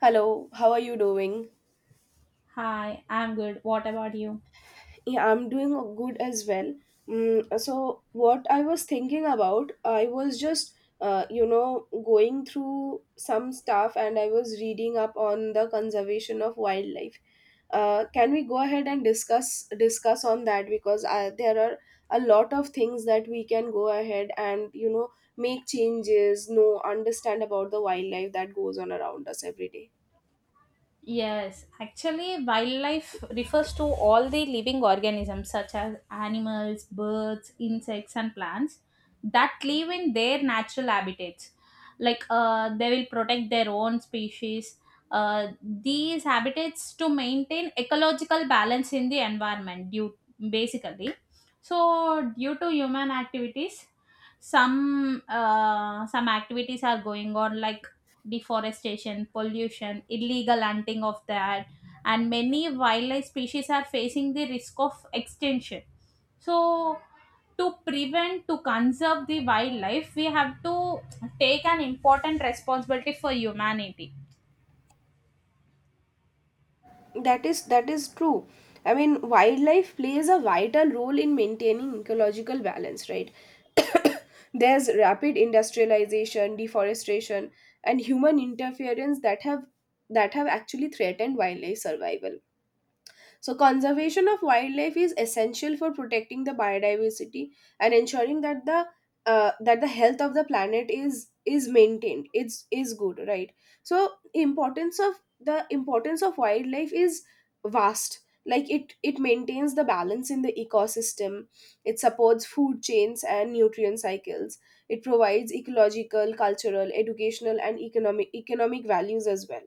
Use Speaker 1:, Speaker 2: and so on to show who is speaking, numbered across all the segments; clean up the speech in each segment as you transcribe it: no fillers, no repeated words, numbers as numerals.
Speaker 1: Hello, how are you doing?
Speaker 2: Hi, I'm good. What about you?
Speaker 1: Yeah, I'm doing good as well. So, what I was thinking about, I was just, you know, going through some stuff and I was reading up on the conservation of wildlife. Can we go ahead and discuss on that? There are a lot of things that we can go ahead and make changes, know, understand about the wildlife that goes on around us every day.
Speaker 2: Yes, actually, wildlife refers to all the living organisms such as animals, birds, insects, and plants that live in their natural habitats. Like they will protect their own species, these habitats to maintain ecological balance in the environment, due, basically. So, due to human activities, some activities are going on like deforestation, pollution, illegal hunting of that, and many wildlife species are facing the risk of extinction. So, to conserve the wildlife, we have to take an important responsibility for humanity.
Speaker 1: That is true. I mean, wildlife plays a vital role in maintaining ecological balance, right? There's rapid industrialization, deforestation, and human interference that have actually threatened wildlife survival. So, conservation of wildlife is essential for protecting the biodiversity and ensuring that the health of the planet is maintained. It's is good, right? So, importance of wildlife is vast. It maintains the balance in the ecosystem. It supports food chains and nutrient cycles. It provides ecological, cultural, educational, and economic values as well.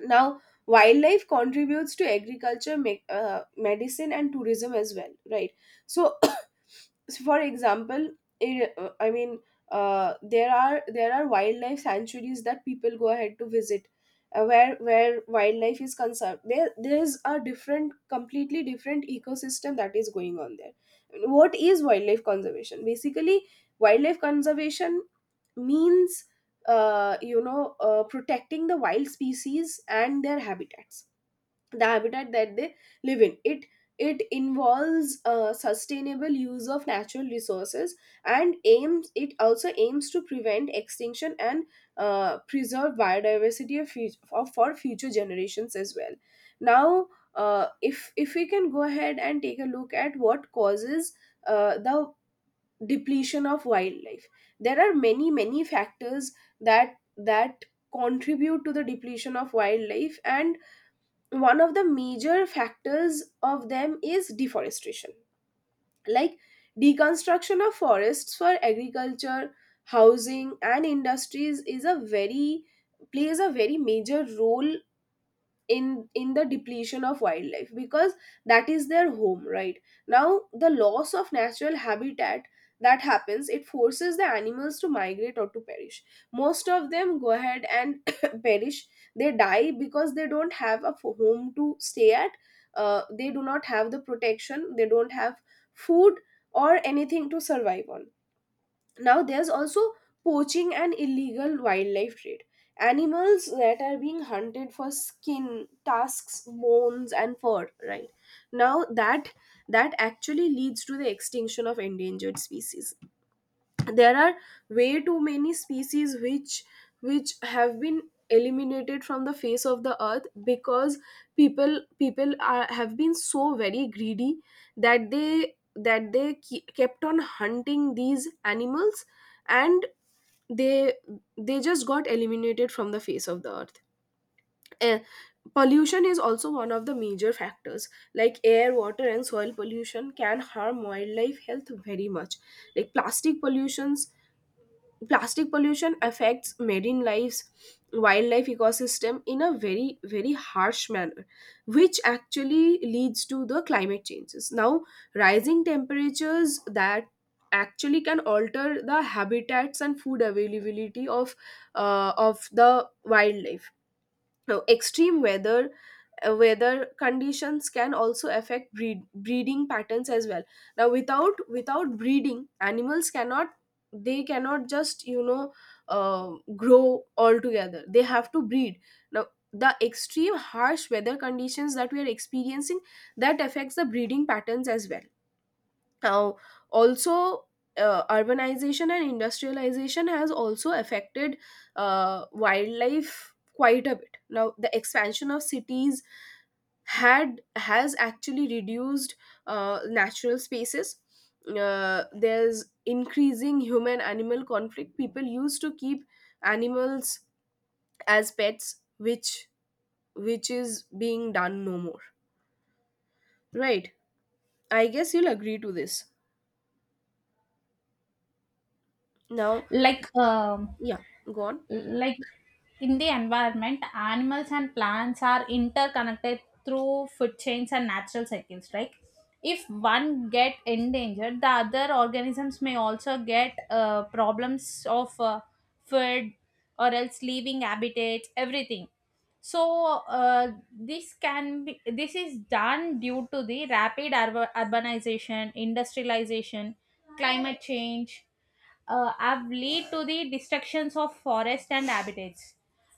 Speaker 1: Now, wildlife contributes to agriculture, medicine, and tourism as well, right? So, so for example, I mean, there are wildlife sanctuaries that people go ahead to visit, where wildlife is concerned. There is a completely different ecosystem that is going on there. What is wildlife conservation? Basically, wildlife conservation means protecting the wild species and their habitats, the habitat that they live in. It involves sustainable use of natural resources and aims it also aims to prevent extinction and preserve biodiversity for future generations as well. Now, if we can go ahead and take a look at what causes the depletion of wildlife, there are many factors that contribute to the depletion of wildlife, and one of the major factors of them is deforestation. Like, deconstruction of forests for agriculture, housing, and industries is a very plays a very major role in the depletion of wildlife, because that is their home, right? Now, the loss of natural habitat that happens, it forces the animals to migrate or to perish. Most of them go ahead and perish. They die because they don't have a home to stay at. They do not have the protection, they don't have food or anything to survive on. Now, there's also poaching and illegal wildlife trade. Animals that are being hunted for skin, tusks, bones, and fur, right? Now, that actually leads to the extinction of endangered species. There are way too many species which have been eliminated from the face of the earth because people have been so very greedy that they kept on hunting these animals, and they they just got eliminated from the face of the earth. Eh, Pollution is also one of the major factors. Like, air, water, and soil pollution can harm wildlife health very much. Like plastic pollution, plastic pollution affects marine lives, wildlife ecosystem in a very harsh manner, which actually leads to the climate changes. Now, rising temperatures, that actually can alter the habitats and food availability of the wildlife. Now, extreme weather, weather conditions can also affect breeding patterns as well. Now, without breeding, animals cannot, they cannot just grow altogether, they have to breed. Now, the extreme harsh weather conditions that we are experiencing, that affects the breeding patterns as well. Now, also, urbanization and industrialization has also affected wildlife quite a bit. Now, the expansion of cities had has actually reduced natural spaces. There's increasing human animal conflict. People used to keep animals as pets, which is being done no more, right? I guess you'll agree to this. Now,
Speaker 2: Like, um
Speaker 1: yeah, go on.
Speaker 2: like in the environment animals and plants are interconnected through food chains and natural cycles. Like if one get endangered the other organisms may also get problems of food or else leaving habitats everything. So this can be this is done due to the rapid urbanization, industrialization, climate change have lead to the destructions of forest and habitats,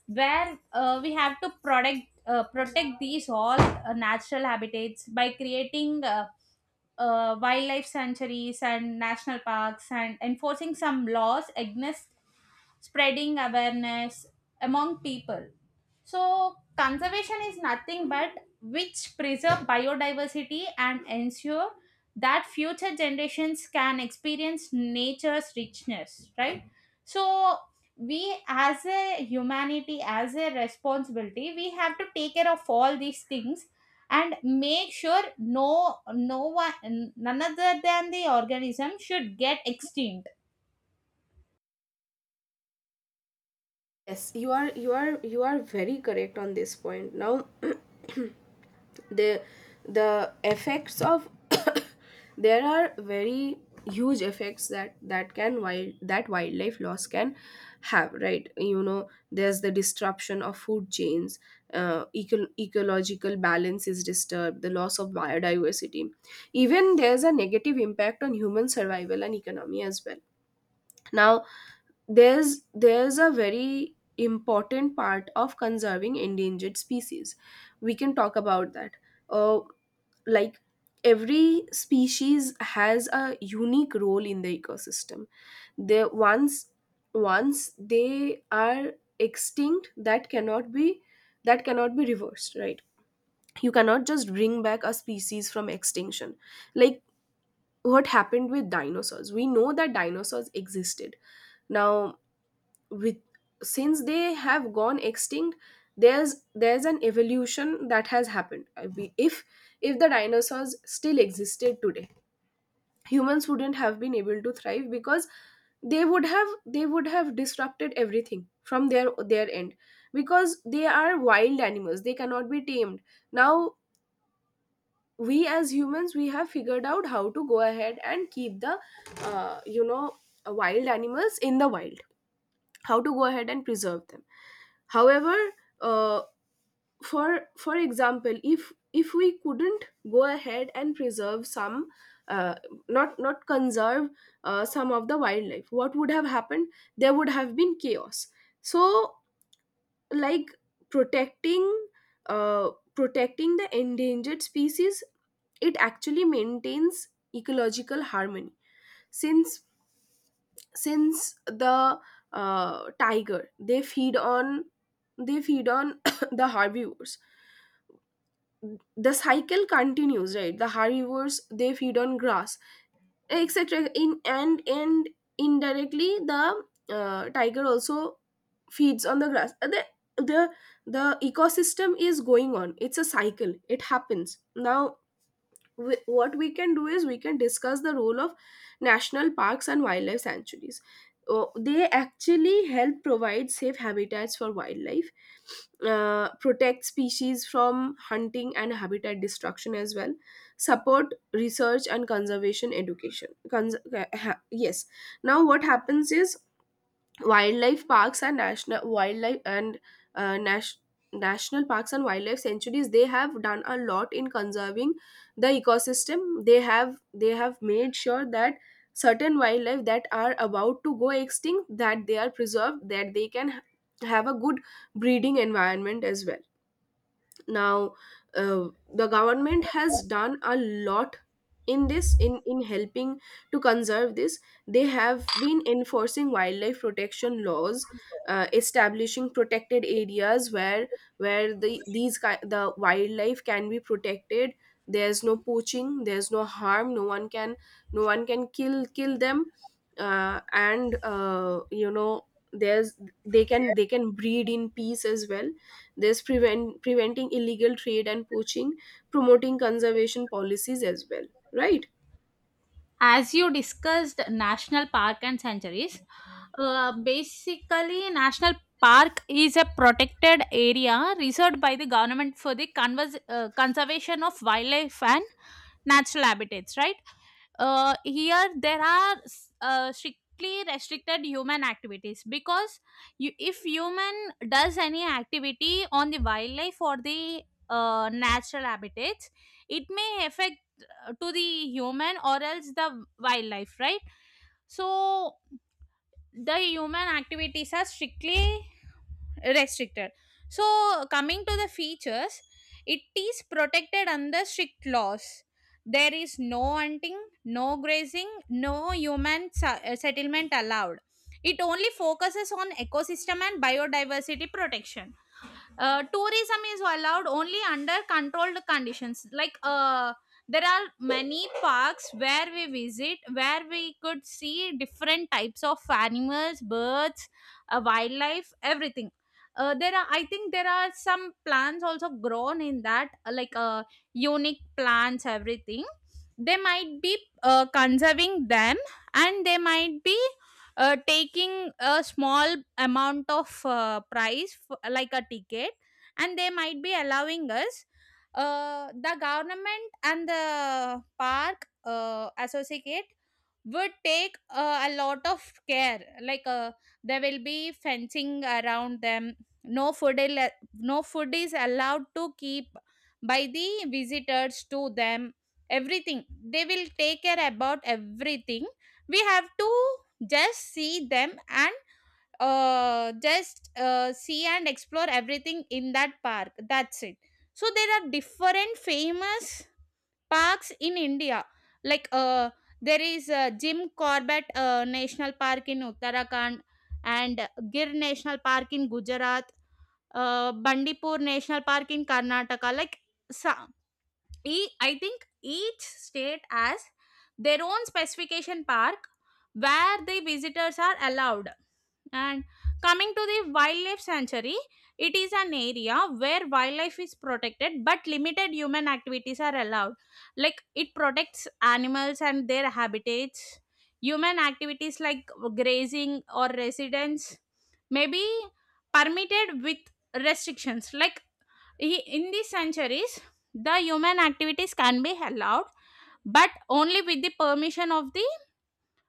Speaker 2: where we have to protect protect these all natural habitats by creating wildlife sanctuaries and national parks and enforcing some laws against spreading awareness among people. So, conservation is nothing but which preserve biodiversity and ensure that future generations can experience nature's richness, right? So, we as a humanity, as a responsibility, we have to take care of all these things and make sure no one none other than the organism should get extinct.
Speaker 1: Yes, you are very correct on this point. Now, the the effects of there are very huge effects that that can wild that wildlife loss can have, right? You know, there's the disruption of food chains, ecological balance is disturbed, the loss of biodiversity, even there's a negative impact on human survival and economy as well. Now, there's a very important part of conserving endangered species. We can talk about that. uh, like, every species has a unique role in the ecosystem. They once Once they are extinct, that cannot be reversed, right? You cannot just bring back a species from extinction. Like, what happened with dinosaurs? We know that dinosaurs existed. Now, with, since they have gone extinct, there's an evolution that has happened. If the dinosaurs still existed today, humans wouldn't have been able to thrive, because they would have disrupted everything from their end, because they are wild animals, they cannot be tamed. Now, we as humans, we have figured out how to go ahead and keep the uh, you know wild animals in the wild, how to go ahead and preserve them. However, uh, for example, if we couldn't go ahead and preserve some, uh, not conserve some of the wildlife, what would have happened? There would have been chaos. So, like, protecting protecting the endangered species, it actually maintains ecological harmony. since since the tiger, they feed on, they feed on the herbivores, the cycle continues, right? The herbivores, they feed on grass, etc. in and Indirectly, the tiger also feeds on the grass. The the ecosystem is going on, it's a cycle, it happens. Now, we, what we can do is we can discuss the role of national parks and wildlife sanctuaries. Oh, they actually help provide safe habitats for wildlife, protect species from hunting and habitat destruction as well, support research and conservation education. Yes. Now, what happens is wildlife parks and national wildlife and nas- national parks and wildlife sanctuaries, they have done a lot in conserving the ecosystem. They have made sure that certain wildlife that are about to go extinct, that they are preserved, that they can have a good breeding environment as well. Now, the government has done a lot in helping to conserve this. They have been enforcing wildlife protection laws, establishing protected areas where the wildlife can be protected. There's no poaching, there's no harm, no one can kill them. And you know there's They can breed in peace as well. This prevent Preventing illegal trade and poaching, promoting conservation policies as well, right?
Speaker 2: As you discussed national park and sanctuaries, basically national park is a protected area reserved by the government for the conservation of wildlife and natural habitats, right? Here there are strictly restricted human activities because you, if human does any activity on the wildlife or the natural habitats it may affect to the human or else the wildlife, right? So the human activities are strictly restricted. So coming to the features, it is protected under strict laws. There is no hunting, no grazing, no human settlement allowed. It only focuses on ecosystem and biodiversity protection. Tourism is allowed only under controlled conditions. Like there are many parks where we visit where we could see different types of animals, birds, wildlife, everything. There are, I think there are some plants also grown in that, like unique plants, everything. They might be conserving them, and they might be taking a small amount of price like a ticket, and they might be allowing us. The government and the park associate would take a lot of care. Like there will be fencing around them. No food is allowed to keep by the visitors to them. Everything they will take care about everything. We have to just see them and just see and explore everything in that park. That's it. So there are different famous parks in India. Like there is Jim Corbett National Park in Uttarakhand and Gir National Park in Gujarat, Bandipur National Park in Karnataka. Like so, I think each state has their own specification park where the visitors are allowed. And coming to the wildlife sanctuary, it is an area where wildlife is protected but limited human activities are allowed. Like it protects animals and their habitats. Human activities like grazing or residence may be permitted with restrictions. In these sanctuaries, the human activities can be allowed, but only with the permission of the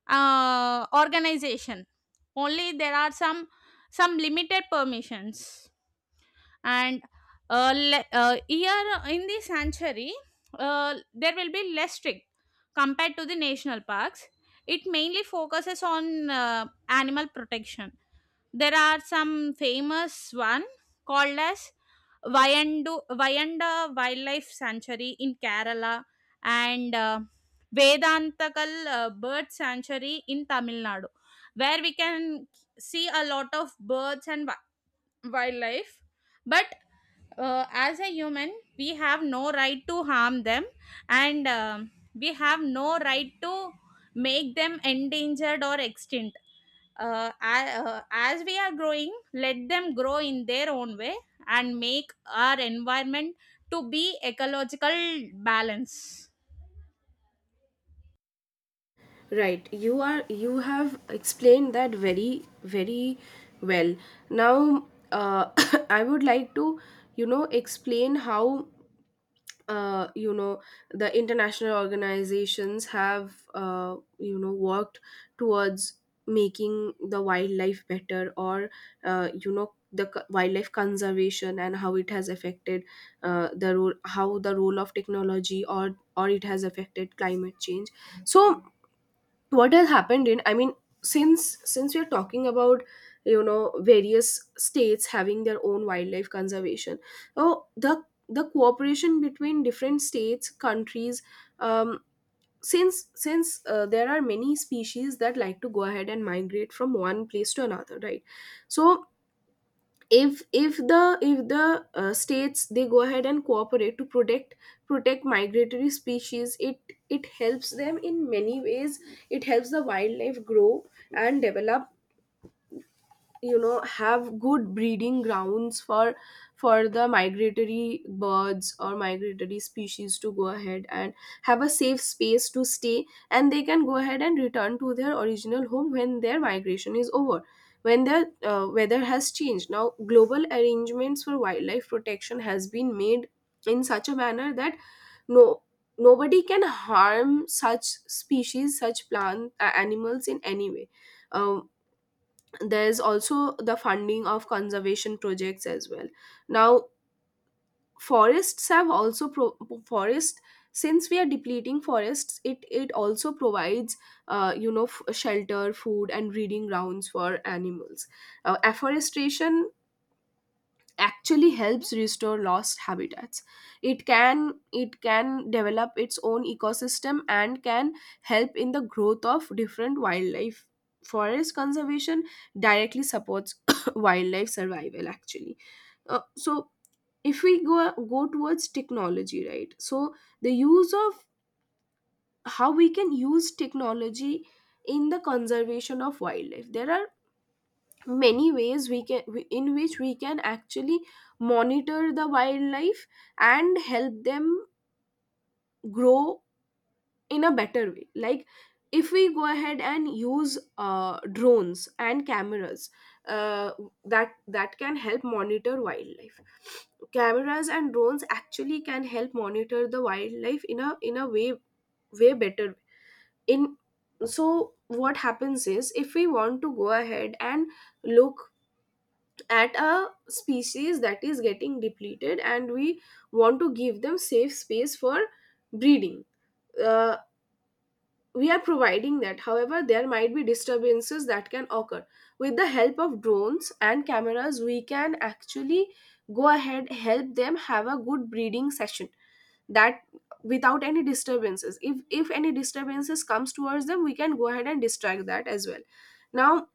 Speaker 2: organization. Only there are some limited permissions. And here in the sanctuary there will be less strict compared to the national parks. It mainly focuses on animal protection. There are some famous one called as Vayandu, Vayanda Wildlife Sanctuary in Kerala and Vedantakal Bird Sanctuary in Tamil Nadu, where we can see a lot of birds and wildlife. But as a human we have no right to harm them, and we have no right to make them endangered or extinct. As we are growing let them grow in their own way and make our environment to be ecological balance.
Speaker 1: Right. You have explained that very well. Now, uh, I would like to, explain how uh, you know the international organizations have worked towards making the wildlife better, or wildlife conservation, and how it has affected the role how the role of technology, or it has affected climate change. So, what has happened in, I mean, since we are talking about, you know, various states having their own wildlife conservation, oh the the cooperation between different states, countries. Um since There are many species that like to go ahead and migrate from one place to another, right? So, if the states, they go ahead and cooperate to protect migratory species, it helps them in many ways. It helps the wildlife grow and develop, you know, have good breeding grounds for the migratory birds or migratory species to go ahead and have a safe space to stay, and they can go ahead and return to their original home when their migration is over, when the weather has changed. Now, global arrangements for wildlife protection has been made in such a manner that no nobody can harm such species, such plant animals in any way. Um, there's also the funding of conservation projects as well. Now, forests have also pro- forest, since we are depleting forests, it also provides, shelter, food, and breeding grounds for animals. Afforestation actually helps restore lost habitats. It can develop its own ecosystem and can help in the growth of different wildlife. Forest conservation directly supports wildlife survival actually. So, if we go go towards technology, right? So, the use of, how we can use technology in the conservation of wildlife, there are many ways in which we can actually monitor the wildlife and help them grow in a better way. Like, if we go ahead and use drones and cameras, uh, that can help monitor wildlife. Cameras and drones actually can help monitor the wildlife in a way better way. In So what happens is if we want to go ahead and look at a species that is getting depleted and we want to give them safe space for breeding. uh, we are providing that, however there might be disturbances that can occur. With the help of drones and cameras we can actually go ahead, help them have a good breeding session that without any disturbances. If any disturbances comes towards them we can go ahead and distract that as well. Now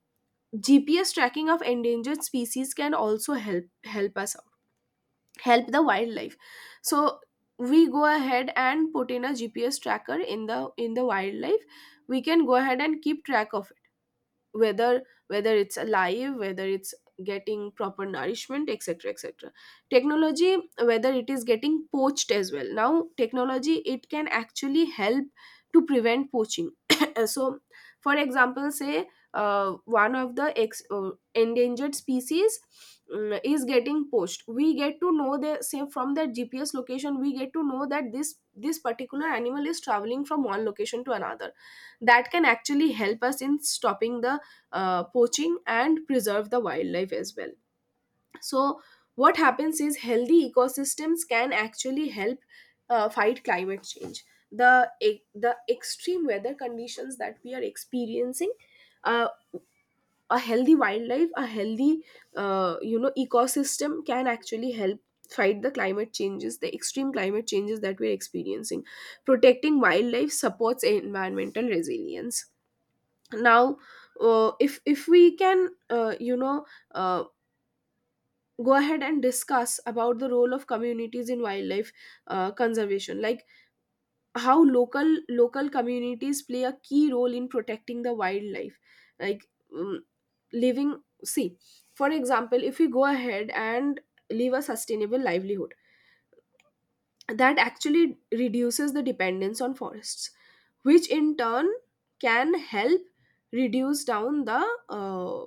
Speaker 1: GPS tracking of endangered species can also help us, help the wildlife. So we go ahead and put in a GPS tracker in the wildlife, we can go ahead and keep track of whether it's alive, whether it's getting proper nourishment, etc, etc. Technology, whether it is getting poached as well. Now technology, it can actually help to prevent poaching. So for example, say one of the endangered species is getting poached, we get to know the, say from the GPS location we get to know that this particular animal is traveling from one location to another. That can actually help us in stopping the poaching and preserve the wildlife as well. So what happens is healthy ecosystems can actually help fight climate change, the extreme weather conditions that we are experiencing. uh, a healthy wildlife, a healthy you know, ecosystem can actually help fight the climate changes, the extreme climate changes that we're experiencing. Protecting wildlife supports environmental resilience. Now, if we can, you know, uh, go ahead and discuss about the role of communities in wildlife conservation, like how local communities play a key role in protecting the wildlife. Like, um, living, see, for example if we go ahead and live a sustainable livelihood, that actually reduces the dependence on forests, which in turn can help reduce down the uh,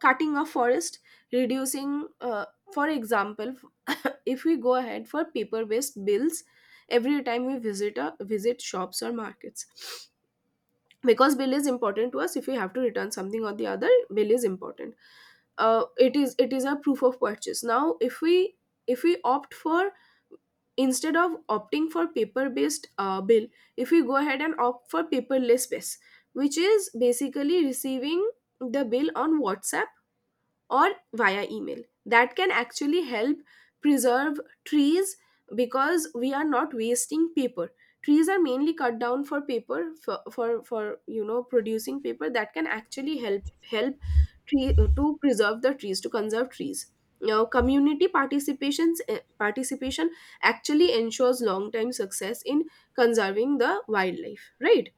Speaker 1: cutting a forest, reducing for example. If we go ahead for paper based bills every time we visit a visit shops or markets, because bill is important to us. If we have to return something or the other, bill is important. It is a proof of purchase. Now if we, if we opt for, instead of opting for paper based bill, if we go ahead and opt for paperless base, which is basically receiving the bill on WhatsApp or via email, that can actually help preserve trees, because we are not wasting paper. Trees are mainly cut down for paper, for you know, producing paper. That can actually help help to preserve the trees, to conserve trees. Now community participation actually ensures long time success in conserving the wildlife, right?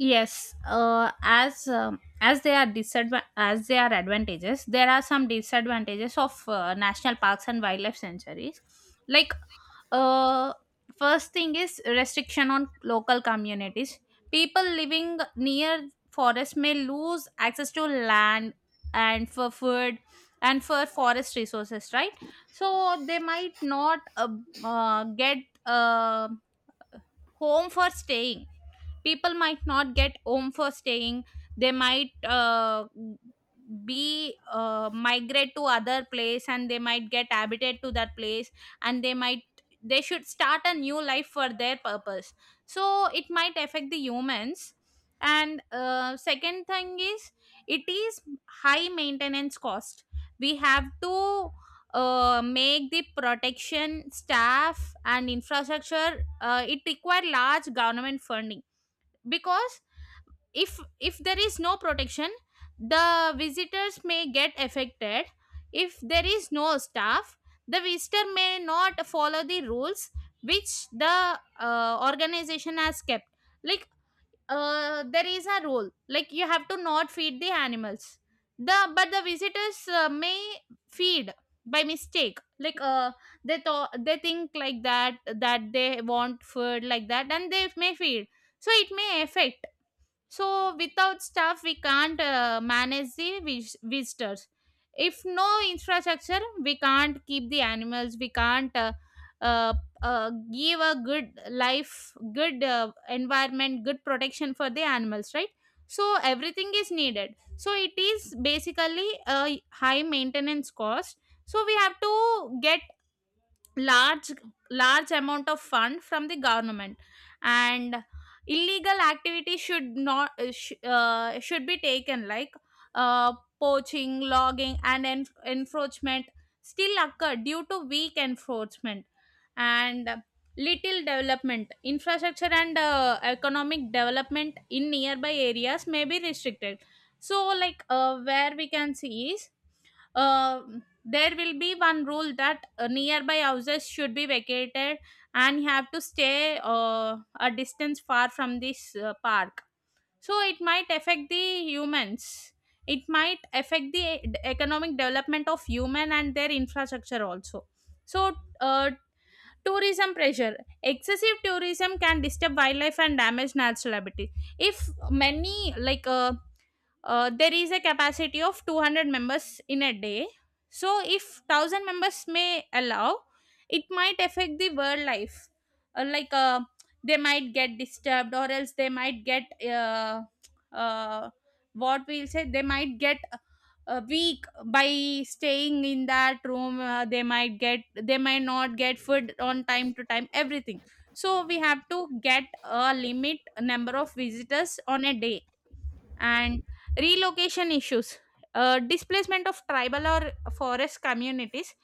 Speaker 2: Yes, as they are as they are advantages, there are some disadvantages of national parks and wildlife sanctuaries. Like, uh, first thing is restriction on local communities. People living near forests may lose access to land and for food and for forest resources, right? So they might not get uh, home for staying. People might not get home for staying. They might be migrate to other place and they might get habited to that place, and they might, they should start a new life for their purpose. So it might affect the humans. And second thing is it is high maintenance cost. We have to make the protection staff and infrastructure. It require large government funding because if there is no protection the visitors may get affected. If there is no staff the visitor may not follow the rules which the organization has kept. Like there is a rule like you have to not feed the animals. The but the visitors may feed by mistake. Like they thought, they think like that, that they want food like that, and they may feed, so it may affect. So without staff we can't manage the visitors. If no infrastructure we can't keep the animals, we can't uh, give a good life, good environment, good protection for the animals, right? So everything is needed, so it is basically a high maintenance cost. So we have to get large large amount of fund from the government. And illegal activity should not should be taken. Like uh, poaching, logging and encroachment still occur due to weak enforcement. And little development infrastructure and economic development in nearby areas may be restricted. So like where we can see is there will be one rule that nearby houses should be vacated and have to stay a distance far from this park. So it might affect the humans. It might affect the economic development of human and their infrastructure also. So uh, tourism pressure, excessive tourism can disturb wildlife and damage natural habitat. If many, there is a capacity of 200 members in a day, so if 1000 members may allow it might affect the world life. Like they might get disturbed or else they might get uh, uh, what we'll say, they might get weak by staying in that room. They might get, they might not get food on time to time everything. So we have to get a limit number of visitors on a day. And relocation issues, displacement of tribal or forest communities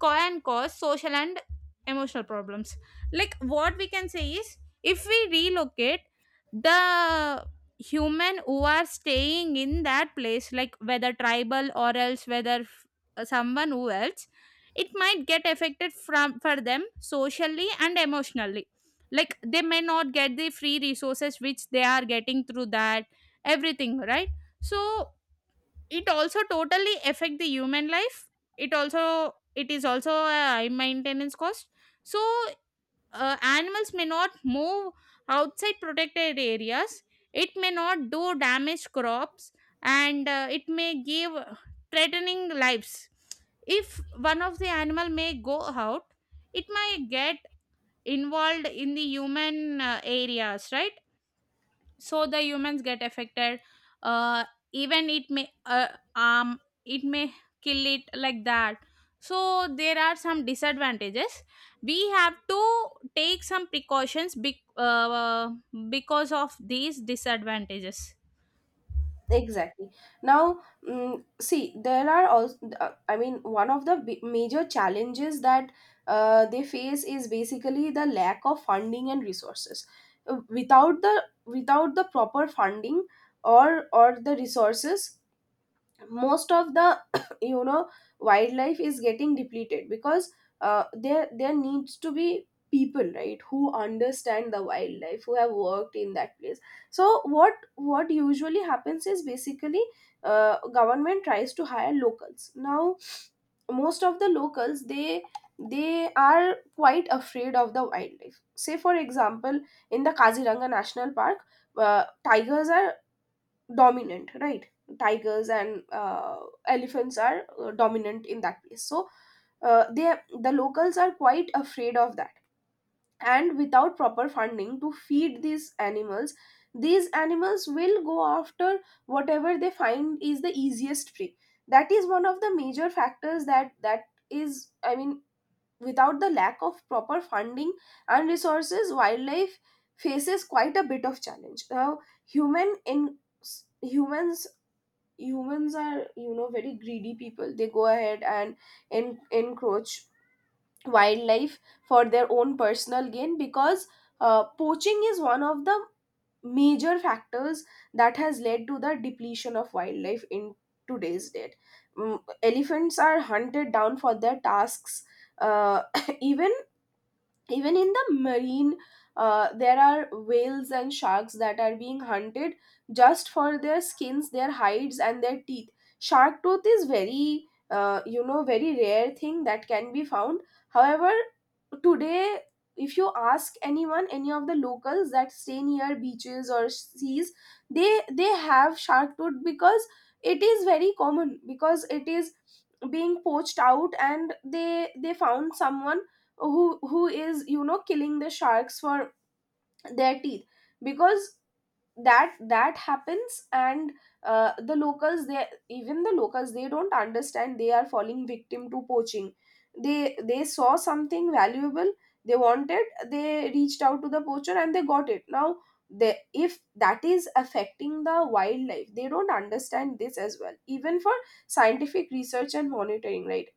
Speaker 2: can cause social and emotional problems. Like what we can say is if we relocate the human who are staying in that place, like whether tribal or else whether someone who else, it might get affected from for them socially and emotionally. Like they may not get the free resources which they are getting through that everything, right? So it also totally affect the human life. It is also a high maintenance cost. So animals may not move outside protected areas. It may not do damage crops. And it may give threatening lives. If one of the animal may go out, it might get involved in the human areas, right? So the humans get affected. Uh, even um it may kill it like that. So there are some disadvantages. We have to take some precautions because of these disadvantages.
Speaker 1: Exactly. Now, see, there are also, I mean, one of the major challenges that they face is basically the lack of funding and resources. Without the without the proper funding or the resources, most of the you know, wildlife is getting depleted because there there needs to be people, right, who understand the wildlife, who have worked in that place. So what usually happens is basically government tries to hire locals. Now most of the locals, they are quite afraid of the wildlife. Say for example, in the Kaziranga National Park, tigers are dominant, right? Tigers and elephants are dominant in that place. So they, the locals are quite afraid of that. And without proper funding to feed these animals, these animals will go after whatever they find is the easiest prey. That is one of the major factors, that is, I mean, without the lack of proper funding and resources, wildlife faces quite a bit of challenge. Now, human in humans, humans are, you know, very greedy people. They go ahead and encroach wildlife for their own personal gain, because poaching is one of the major factors that has led to the depletion of wildlife in today's date. Mm, elephants are hunted down for their tasks. uh, Even in the marine, there are whales and sharks that are being hunted just for their skins, their hides and their teeth. Shark tooth is very you know, very rare thing that can be found. However, today, if you ask anyone, any of the locals that stay near beaches or seas, they have shark tooth, because it is very common, because it is being poached out, and they found someone who is, you know, killing the sharks for their teeth, because that that happens. And the locals, they, even the locals, they don't understand they are falling victim to poaching. They saw something valuable, they wanted, they reached out to the poacher and they got it. Now they, if that is affecting the wildlife, they don't understand this as well. Even for scientific research and monitoring, right?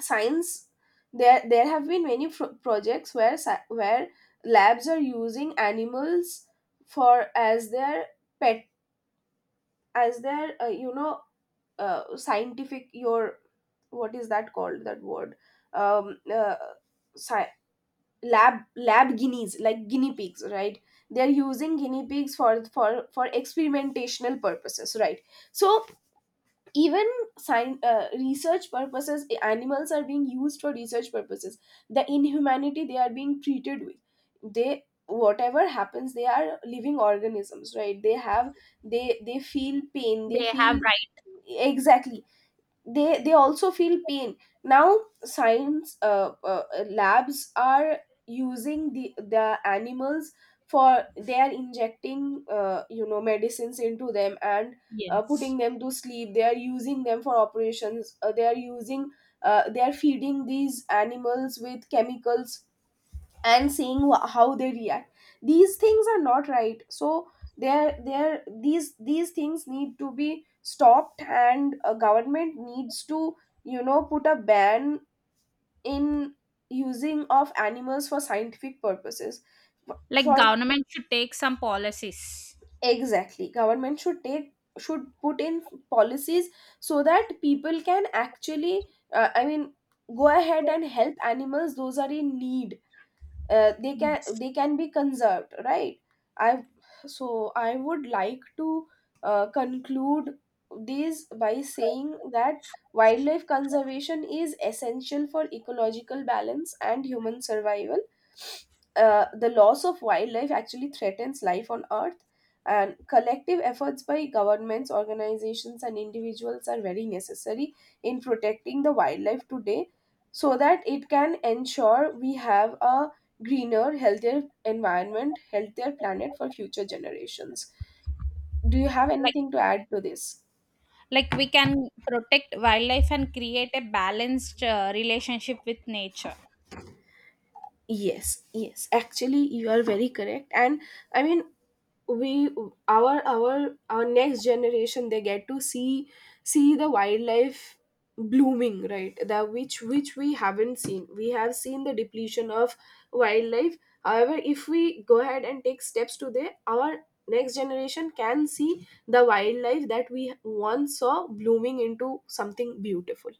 Speaker 1: science There have been many projects where where labs are using animals for, as their pet, as their you know, scientific, your, what is that called, that word, um uh, sci- lab, lab guineas, like guinea pigs, right? They're using guinea pigs for experimentational purposes, right? So even research purposes, animals are being used for research purposes. The inhumanity they are being treated with, they, whatever happens, they are living organisms, right? They have, they feel pain, they
Speaker 2: They have,
Speaker 1: feel,
Speaker 2: right?
Speaker 1: exactly, they also feel pain. Now science, labs are using the animals for, they are injecting you know, medicines into them, and
Speaker 2: Yes.
Speaker 1: putting them to sleep. They are using them for operations, they are using, they are feeding these animals with chemicals and seeing how they react. These things are not right. So there these things need to be stopped, and a government needs to, you know, put a ban in using of animals for scientific purposes.
Speaker 2: Like
Speaker 1: For
Speaker 2: government should take some policies.
Speaker 1: exactly, government should take, should put in policies, so that people can actually I mean, go ahead and help animals those are in need. They can,
Speaker 2: Yes.
Speaker 1: they can be conserved, right? I So I would like to conclude this by saying that wildlife conservation is essential for ecological balance and human survival. The loss of wildlife actually threatens life on earth, and collective efforts by governments, organizations and individuals are very necessary in protecting the wildlife today, so that it can ensure we have a greener, healthier environment, healthier planet for future generations. Do you have
Speaker 2: like
Speaker 1: anything to add to this?
Speaker 2: like we can protect wildlife and create a balanced relationship with nature.
Speaker 1: Yes, yes. Actually, you are very correct. And I mean, we, our next generation, they get to see, see the wildlife blooming, right? That which we haven't seen. We have seen the depletion of wildlife. However, if we go ahead and take steps today, our next generation can see the wildlife that we once saw, blooming into something beautiful.